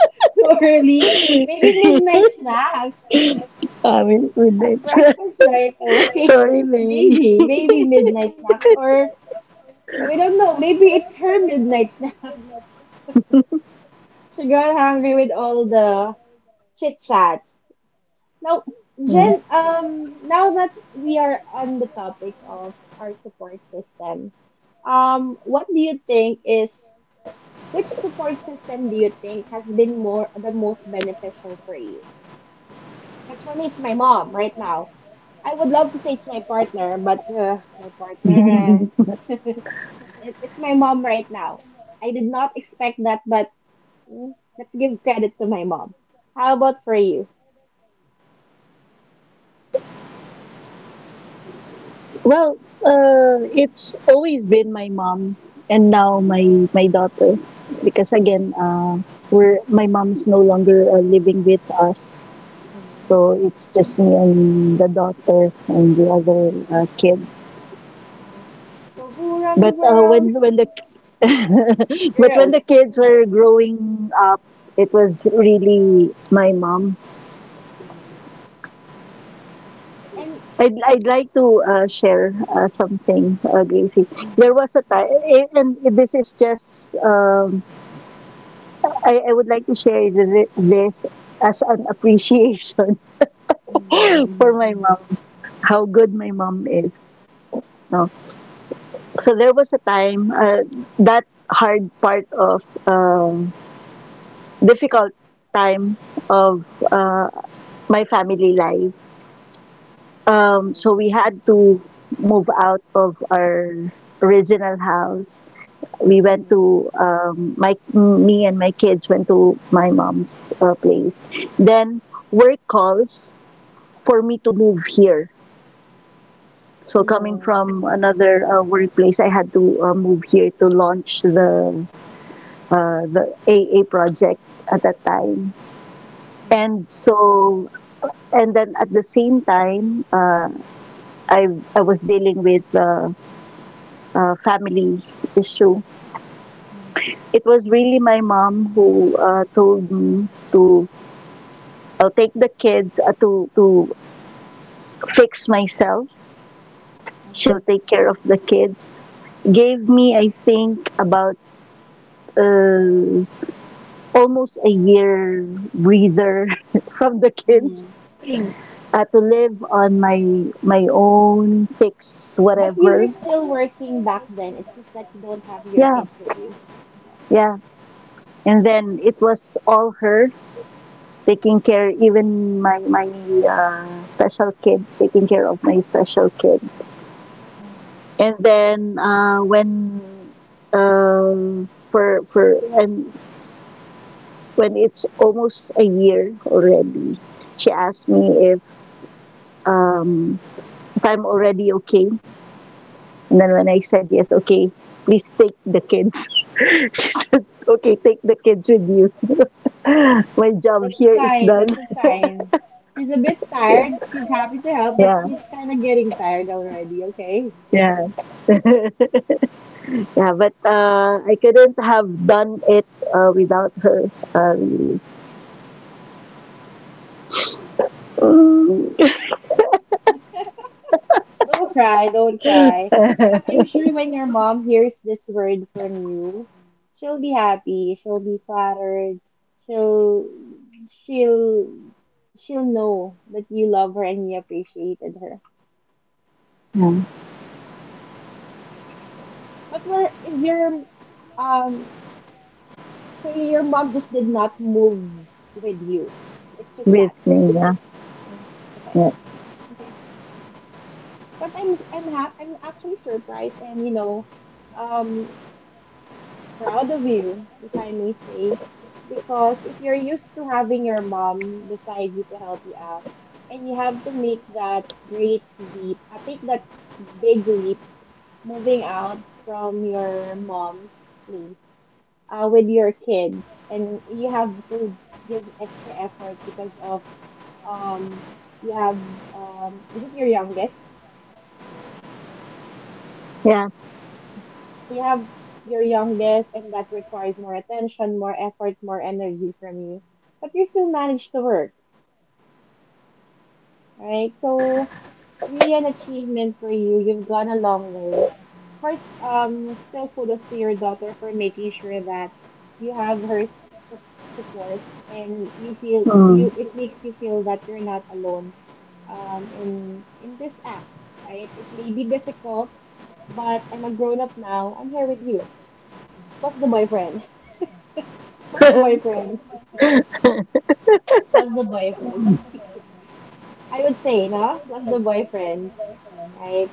[SPEAKER 1] Too early. Maybe
[SPEAKER 2] I
[SPEAKER 1] midnight snacks.
[SPEAKER 2] mean, with that.
[SPEAKER 1] Breakfast right away.
[SPEAKER 2] Sorry, May.
[SPEAKER 1] Maybe, maybe midnight snacks. Or we don't know. Maybe it's her midnight snack. She got hungry with all the chit chats. Now,
[SPEAKER 2] Yeah.
[SPEAKER 1] Jen, now that we are on the topic of our support system, what do you think is, which support system do you think has been more the most beneficial for you? Because for me, it's my mom right now. I would love to say it's my partner, but my partner, it, it's my mom right now. I did not expect that, but mm, let's give credit to my mom. How about for you?
[SPEAKER 2] Well, it's always been my mom, and now my daughter, because again, we're my mom's no longer living with us, so it's just me and the daughter and the other kid.
[SPEAKER 1] Mm. So who run the
[SPEAKER 2] But uh,
[SPEAKER 1] world?
[SPEAKER 2] when when the but when
[SPEAKER 1] Girls.
[SPEAKER 2] the kids were growing up, it was really my mom.
[SPEAKER 1] Mm. And
[SPEAKER 2] I'd like to share something, Gracie. There was a time, and this is just, I would like to share this as an appreciation for my mom, how good my mom is. No? So there was a time, that hard part of difficult time of uh, my family life. So
[SPEAKER 1] mm.
[SPEAKER 2] we had to move out of our original house. We went
[SPEAKER 1] Mm.
[SPEAKER 2] to my me and my kids went to my mom's place. Then work calls for me to move here. So coming
[SPEAKER 1] Mhm.
[SPEAKER 2] from
[SPEAKER 1] Mhm.
[SPEAKER 2] another workplace, I had to move here to launch the AA project at that time. And so, and then at the same time, I was dealing with family issue. It was really my mom who told me to take the kids to fix myself. She'll take care of the kids. Gave me, I think, about uh, almost a year breather from the kids to live on my own, fix
[SPEAKER 1] But you
[SPEAKER 2] whatever.
[SPEAKER 1] were still working back then. It's just that you don't have your
[SPEAKER 2] Yeah,
[SPEAKER 1] kids with you. Okay.
[SPEAKER 2] yeah. And then it was all her taking care, even my my special kid, taking care of my special kid.
[SPEAKER 1] Mhm.
[SPEAKER 2] And then when for and when it's almost a year already, she asked me um, if I'm already okay, and then when I said yes, okay, please take the kids. She said, okay, take the kids with you. My job
[SPEAKER 1] That's a
[SPEAKER 2] here is
[SPEAKER 1] sign.
[SPEAKER 2] done.
[SPEAKER 1] That's a sign. She's a bit tired. She's happy to help, but
[SPEAKER 2] Yeah,
[SPEAKER 1] she's kind of getting tired already. Okay.
[SPEAKER 2] yeah. Yeah, but I couldn't have done it without her. Really. Mm.
[SPEAKER 1] Don't cry, don't cry. But I'm sure when your mom hears this word from you, she'll be happy, she'll be flattered, she'll she'll she'll know that you love her and you appreciated her.
[SPEAKER 2] Yeah,
[SPEAKER 1] But where is your um so your mom just did not move with you. It's just
[SPEAKER 2] miss
[SPEAKER 1] that.
[SPEAKER 2] me. Yeah,
[SPEAKER 1] Mhm.
[SPEAKER 2] yeah,
[SPEAKER 1] Okay. Okay. But I'm actually surprised and you know um proud of you, if I may say, because if you're used to having your mom beside you to help you out, and you have to make that great leap, I take that big leap, moving out from your mom's place with your kids, and you have to give extra effort because of um you have is it your youngest?
[SPEAKER 2] yeah.
[SPEAKER 1] So you have your youngest, and that requires more attention, more effort, more energy from you. But you still manage to work, right? So really an achievement for you. You've gone a long way. Of course, still kudos to your daughter for making sure that you have su- support and you feel
[SPEAKER 2] Mm.
[SPEAKER 1] you it makes you feel that you're not alone in this act, right? It may be difficult, but I'm a grown up now, I'm here with you, plus the boyfriend. Plus the boyfriend. Plus the boyfriend. I would say, no? Plus the boyfriend, right?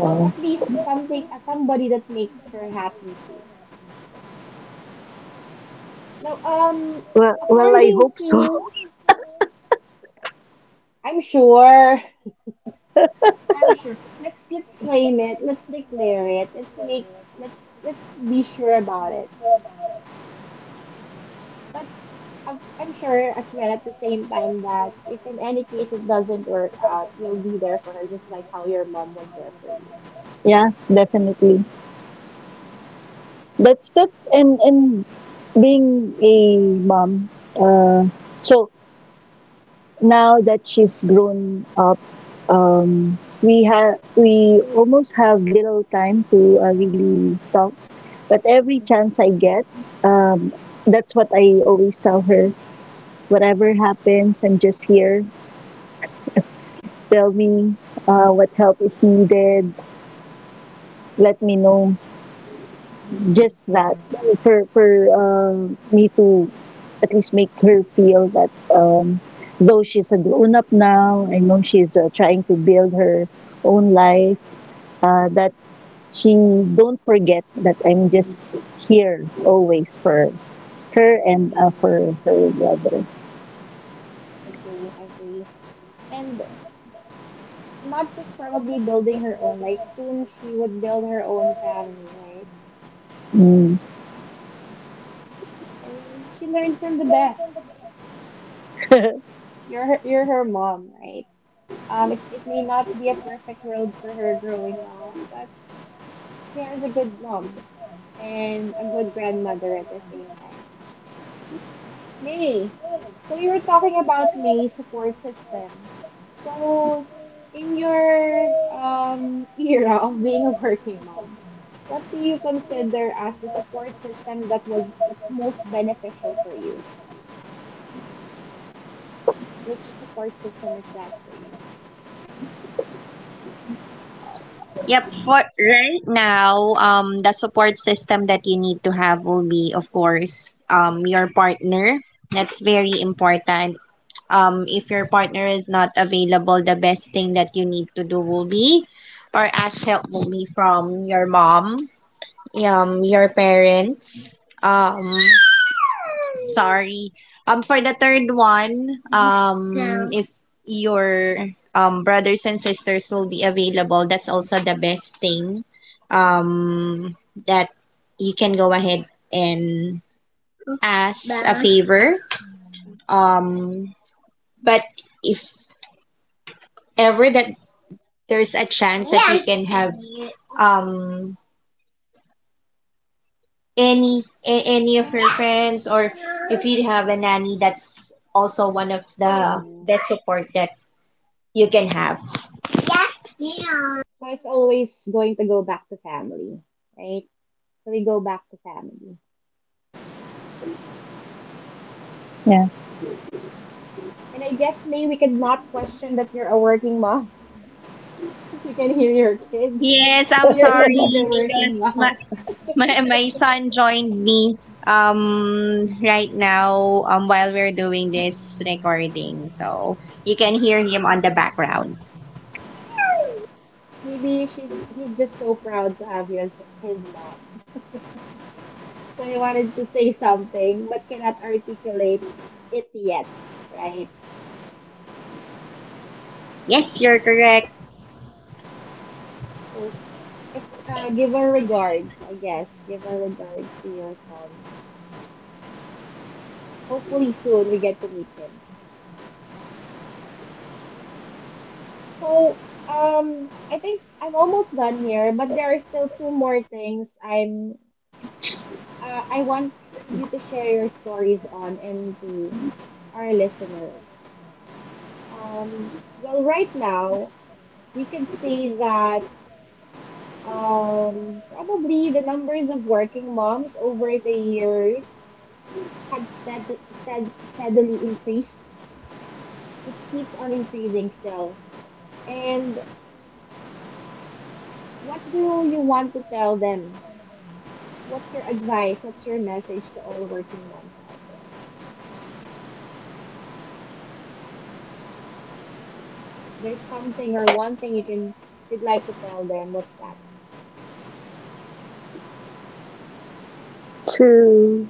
[SPEAKER 1] Well, at least something, somebody that makes her happy too. Now,
[SPEAKER 2] Well, well, I
[SPEAKER 1] according
[SPEAKER 2] hope so.
[SPEAKER 1] to, I'm sure, I'm sure. Let's claim it. Let's declare it. Let's be sure about it. But I'm sure as well at the same time that if in any case it doesn't work out, you'll be there for her, just like how your mom was there for you.
[SPEAKER 2] Yeah, definitely. That's that, and being a mom. Uh, so now that she's grown up, we have we almost have little time to really talk. But every chance I get, um, that's what I always tell her. Whatever happens, I'm just here. Tell me what help is needed. Let me know. Just that for me to at least make her feel that though she's a grown up now, I know she's trying to build her own life. That she don't forget that I'm just here always for her and
[SPEAKER 1] Hmm.
[SPEAKER 2] for her brother.
[SPEAKER 1] Agree, agree. And not just probably building her own like soon she would build her own family, right?
[SPEAKER 2] Mm.
[SPEAKER 1] And she learned from the best. You're her mom, right? It may not be a perfect world for her growing up, but she has a good mom and a good grandmother at the same time. May. So you were talking about May support system. So in your era of being a working mom, what do you consider as the support system that was that's most beneficial for you? Which support system is that for you?
[SPEAKER 3] Yep. For right now, the support system that you need to have will be, of course, your partner. That's very important. If your partner is not available, the best thing that you need to do will be, or ask help will be from your mom, your parents, Sorry. For the third one, So, if your brothers and sisters will be available, that's also the best thing. Um, that you can go ahead and ask a favor. Um, but if ever that there's a chance that you can have um any any of your friends, or if you have a nanny, that's also one of the best support that you can have. Yes, yeah.
[SPEAKER 1] So it's always going to go back to family, right? So we go back to family.
[SPEAKER 2] Yeah.
[SPEAKER 1] And I guess May, we could not question that you're a working mom since we can hear your kid.
[SPEAKER 3] Yes,
[SPEAKER 1] So
[SPEAKER 3] I'm
[SPEAKER 1] you're indeed
[SPEAKER 3] sorry
[SPEAKER 1] a
[SPEAKER 3] because
[SPEAKER 1] working mom.
[SPEAKER 3] my son joined me right now while we're doing this recording. So you can hear him on the background.
[SPEAKER 1] Maybe she's he's just so proud to have you as his mom. So he wanted to say something but cannot articulate it yet, right?
[SPEAKER 3] Yes, you're correct.
[SPEAKER 1] So s- Give our regards, I guess. Give our regards to your son. Hopefully soon we get to meet him. So, I think I'm almost done here, but there are still two more things I want you to share your stories on and to our listeners. Well, right now we can say that probably the numbers of working moms over the years had steadily increased. It keeps on increasing still. And what do you want to tell them? What's your advice? What's your message to all working moms out there? If there's something or one thing you'd like to tell them, what's that?
[SPEAKER 2] to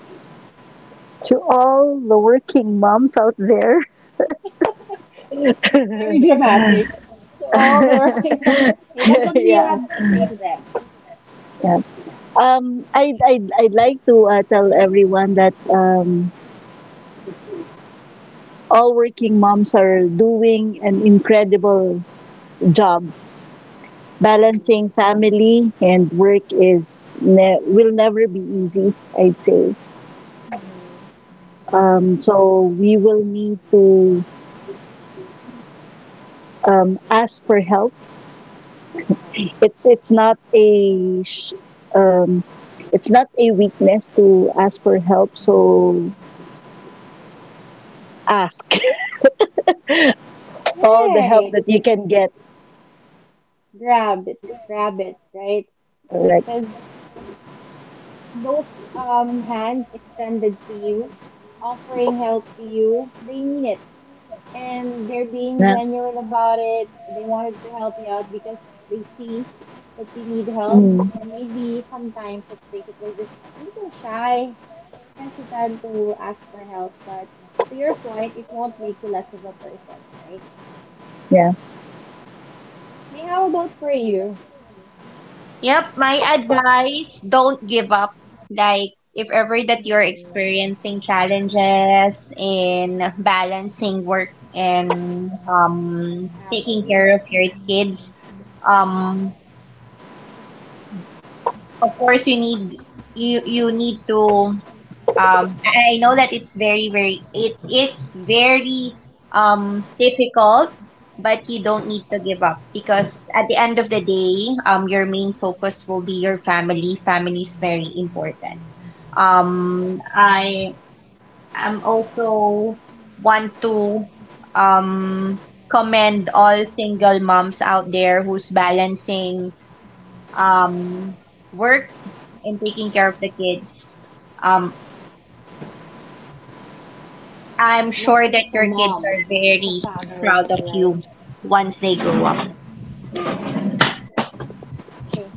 [SPEAKER 2] to all the working moms out there.
[SPEAKER 1] Very dramatic. So all the working moms. Okay, but what do you
[SPEAKER 2] Yeah.
[SPEAKER 1] have to say to them?
[SPEAKER 2] Yeah. I'd like to tell everyone that all working moms are doing an incredible job. Balancing family and work is will never be easy. I'd say.
[SPEAKER 1] Right.
[SPEAKER 2] So we will need to ask for help. It's it's not a sh- um, it's not a weakness to ask for help. So ask all the help
[SPEAKER 1] Right.
[SPEAKER 2] that you can get.
[SPEAKER 1] Grab it. Grab it, right?
[SPEAKER 2] Correct.
[SPEAKER 1] Because those hands extended to you, offering help to you, they mean it. And they're being
[SPEAKER 2] Yeah.
[SPEAKER 1] genuine about it. They wanted to help you out because they see that you need help.
[SPEAKER 2] Mm,
[SPEAKER 1] And maybe sometimes, let's face it, we're just a little shy, hesitant to ask for help. But to your point, it won't make you less of a person, right?
[SPEAKER 2] yeah.
[SPEAKER 1] May, how about for you,
[SPEAKER 3] Yep, my advice, don't give up. Like if ever that you're
[SPEAKER 1] Hmm,
[SPEAKER 3] experiencing challenges in balancing work and taking
[SPEAKER 1] Emily?
[SPEAKER 3] care of your kids, um of course you need to I know that it's very very it it's very difficult, but you don't need to give up because at the end of the day, your main focus will be your family. Family is very important. I am also want to um commend all single moms out there who's balancing um work in taking care of the kids. Um, I'm
[SPEAKER 1] Not
[SPEAKER 3] sure
[SPEAKER 1] just
[SPEAKER 3] that
[SPEAKER 1] as a
[SPEAKER 3] your kids are
[SPEAKER 1] mom, but as a
[SPEAKER 3] very
[SPEAKER 1] father
[SPEAKER 3] proud of
[SPEAKER 1] too, right?
[SPEAKER 3] you once they grow up.
[SPEAKER 1] Okay.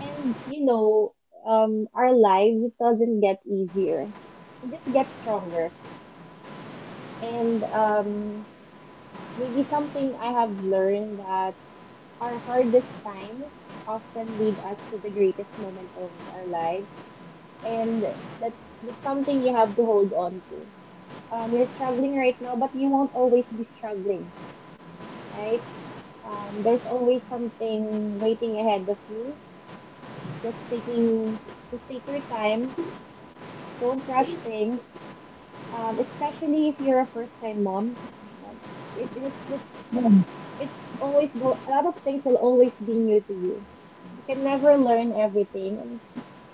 [SPEAKER 1] And you know, our lives, it doesn't get easier. We just get stronger. And maybe something I have learned that our hardest times often lead us to the greatest moment of our lives. And that's something you have to hold on to. You're struggling right now, but you won't always be struggling, right? There's always something waiting ahead of you. Just taking, just take your time. Don't rush things, especially if you're a first-time mom. Uh, It, It's always go. A lot of things will always be new to you. You can never learn everything,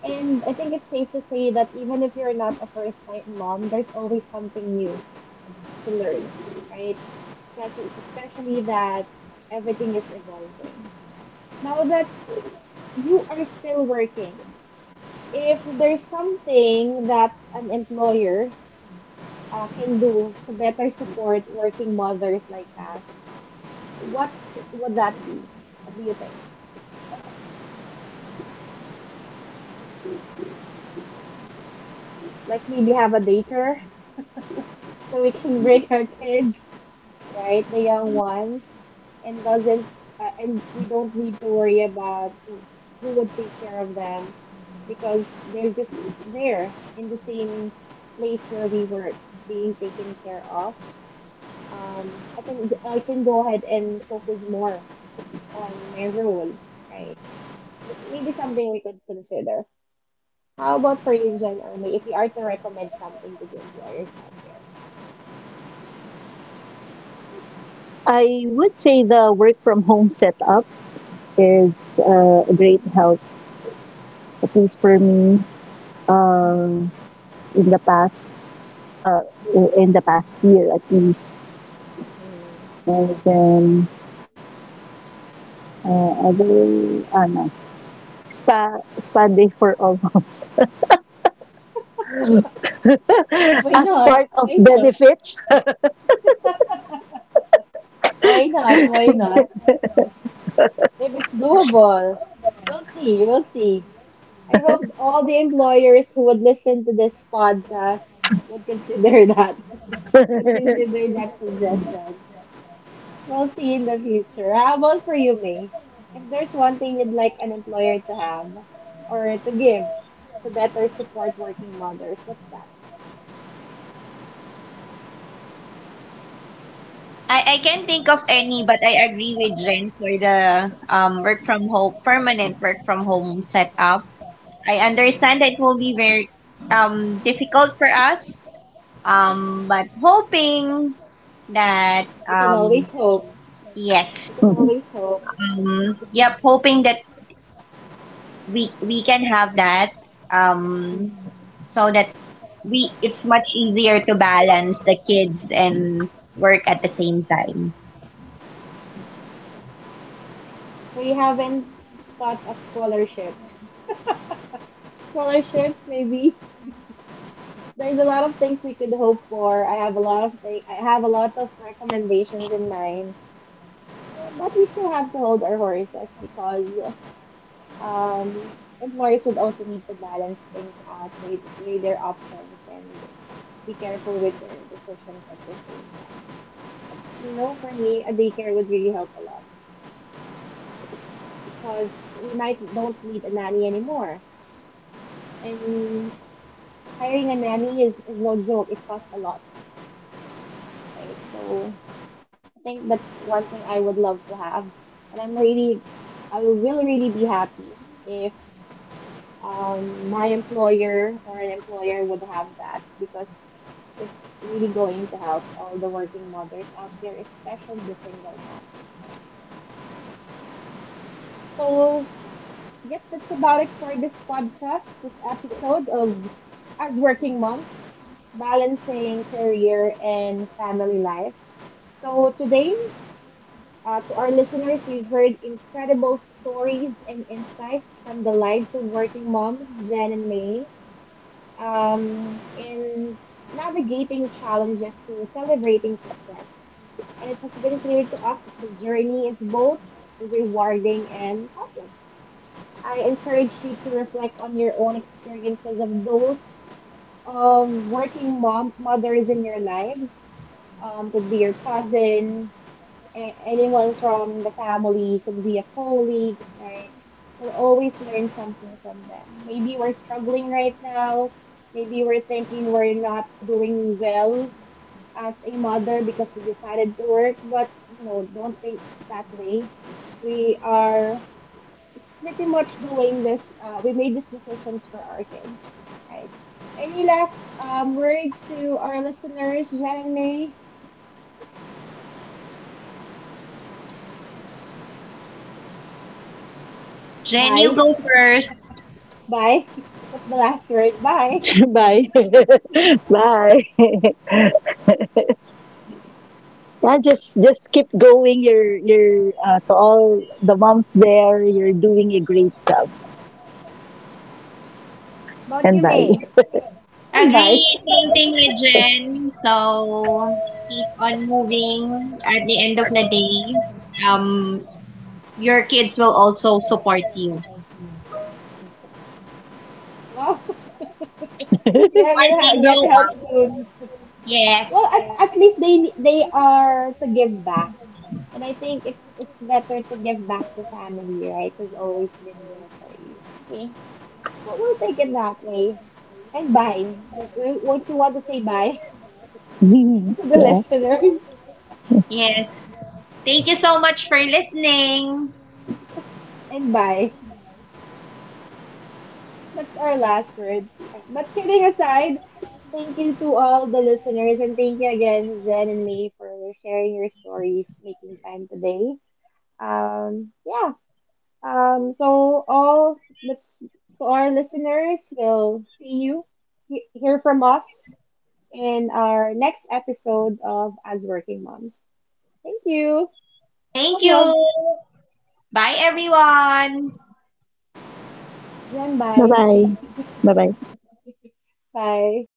[SPEAKER 1] and I think it's safe to say that even if you're not a first-time mom, there's always something new to learn, right? Especially that everything is evolving. Now that you are still working, if there's something that an employer can do to better support working mothers like us, what would that be? What do you think? Like maybe have a daycare so we can bring our kids, right, the young ones, and doesn't and we don't need to worry about who would take care of them because they're just there in the same place where we work, being taken care of. I can go ahead and focus more on my role, right? Maybe something we could consider. How about for you, Jen Army, if you are to recommend something to the employers out there?
[SPEAKER 2] I would say the work from home setup is a great help, at
[SPEAKER 1] Right.
[SPEAKER 2] least for me. Um, in the past, uh, in the past year at least, and then other ano, spa spa day for all
[SPEAKER 1] 'Cause why
[SPEAKER 2] as
[SPEAKER 1] not?
[SPEAKER 2] part of
[SPEAKER 1] Why not?
[SPEAKER 2] benefits.
[SPEAKER 1] Why not? Why not? If it's doable, we'll see. We'll see. I hope all the employers who would listen to this podcast would consider that, would consider that suggestion. We'll see in the future. How about for you, May? If there's one thing you'd like an employer to have or to give to better support working mothers, what's that?
[SPEAKER 3] I can't think of any, but I agree with Jen for the work from home, permanent work from home setup. I understand that it will be very difficult for us, but hoping that,
[SPEAKER 1] We can always hope.
[SPEAKER 3] yes,
[SPEAKER 1] We can always hope.
[SPEAKER 3] yep, hoping that we can have that um, so that we it's much easier to balance the kids and work at the same time.
[SPEAKER 1] So you haven't thought of scholarship. Scholarships, maybe. There's a lot of things we could hope for. I have a lot of recommendations in mind. But we still have to hold our horses because employers would also need to balance things out, weigh their options, and be careful with their decisions at the same time. You know, for me, a daycare would really help a lot because we might don't need a nanny anymore. And hiring a nanny is no joke. It costs a lot, right? So I think that's one thing I would love to have. And I'm really, I will really be happy if my employer or an employer would have that because it's really going to help all the working mothers out there, especially the single moms, right? So, yes, that's about it for this podcast, this episode of As Working Moms Balancing Career and Family Life. So, today, to our listeners, we've heard incredible stories and insights from the lives of working moms, Jen and May, in navigating challenges to celebrating success. And it has been clear to us that the journey is both rewarding and complex. I encourage you to reflect on your own experiences of those of working mom mothers in your lives. Could be your cousin, anyone from the family, could be a colleague, right? We'll always learn something from them. Maybe we're struggling right now. Maybe we're thinking we're not doing well as a mother because we decided to work, but no, don't think that way. We are pretty much doing this, we made these decisions for our kids, right? Any last words to our listeners, Jen and May?
[SPEAKER 3] Jen, you
[SPEAKER 1] Bye.
[SPEAKER 3] go first.
[SPEAKER 1] Bye. That's the last word. Bye.
[SPEAKER 2] Bye. Bye. Yeah, just keep going. You're To all the moms there. You're doing a great job.
[SPEAKER 1] But
[SPEAKER 2] And
[SPEAKER 1] you
[SPEAKER 2] bye.
[SPEAKER 1] may.
[SPEAKER 3] Agree,
[SPEAKER 1] Invite.
[SPEAKER 3] same thing with Jen. So keep on moving at the end of the day. Your kids will also support you.
[SPEAKER 1] Wow. Yeah,
[SPEAKER 3] Once
[SPEAKER 1] we'll
[SPEAKER 3] they
[SPEAKER 1] get help
[SPEAKER 3] grow up.
[SPEAKER 1] soon.
[SPEAKER 3] Yes,
[SPEAKER 1] Well, at least they are to give back, and I think it's better to give back to family, right? Who's always been there for you. Okay. Well, we'll take it that way. And bye. Won't you want to say bye to the
[SPEAKER 2] Yeah.
[SPEAKER 1] listeners?
[SPEAKER 3] yes. Thank you so much for listening.
[SPEAKER 1] And bye. That's our last word. But kidding aside, thank you to all the listeners and thank you again, Jen and May, for sharing your stories, making time today. Yeah. So all let's To our listeners, will see you hear from us in our next episode of As Working Moms. Thank you.
[SPEAKER 3] Thank
[SPEAKER 1] Love, love.
[SPEAKER 3] you. Bye everyone.
[SPEAKER 1] Jen,
[SPEAKER 2] Bye
[SPEAKER 1] bye.
[SPEAKER 2] bye. Bye bye.
[SPEAKER 1] Bye.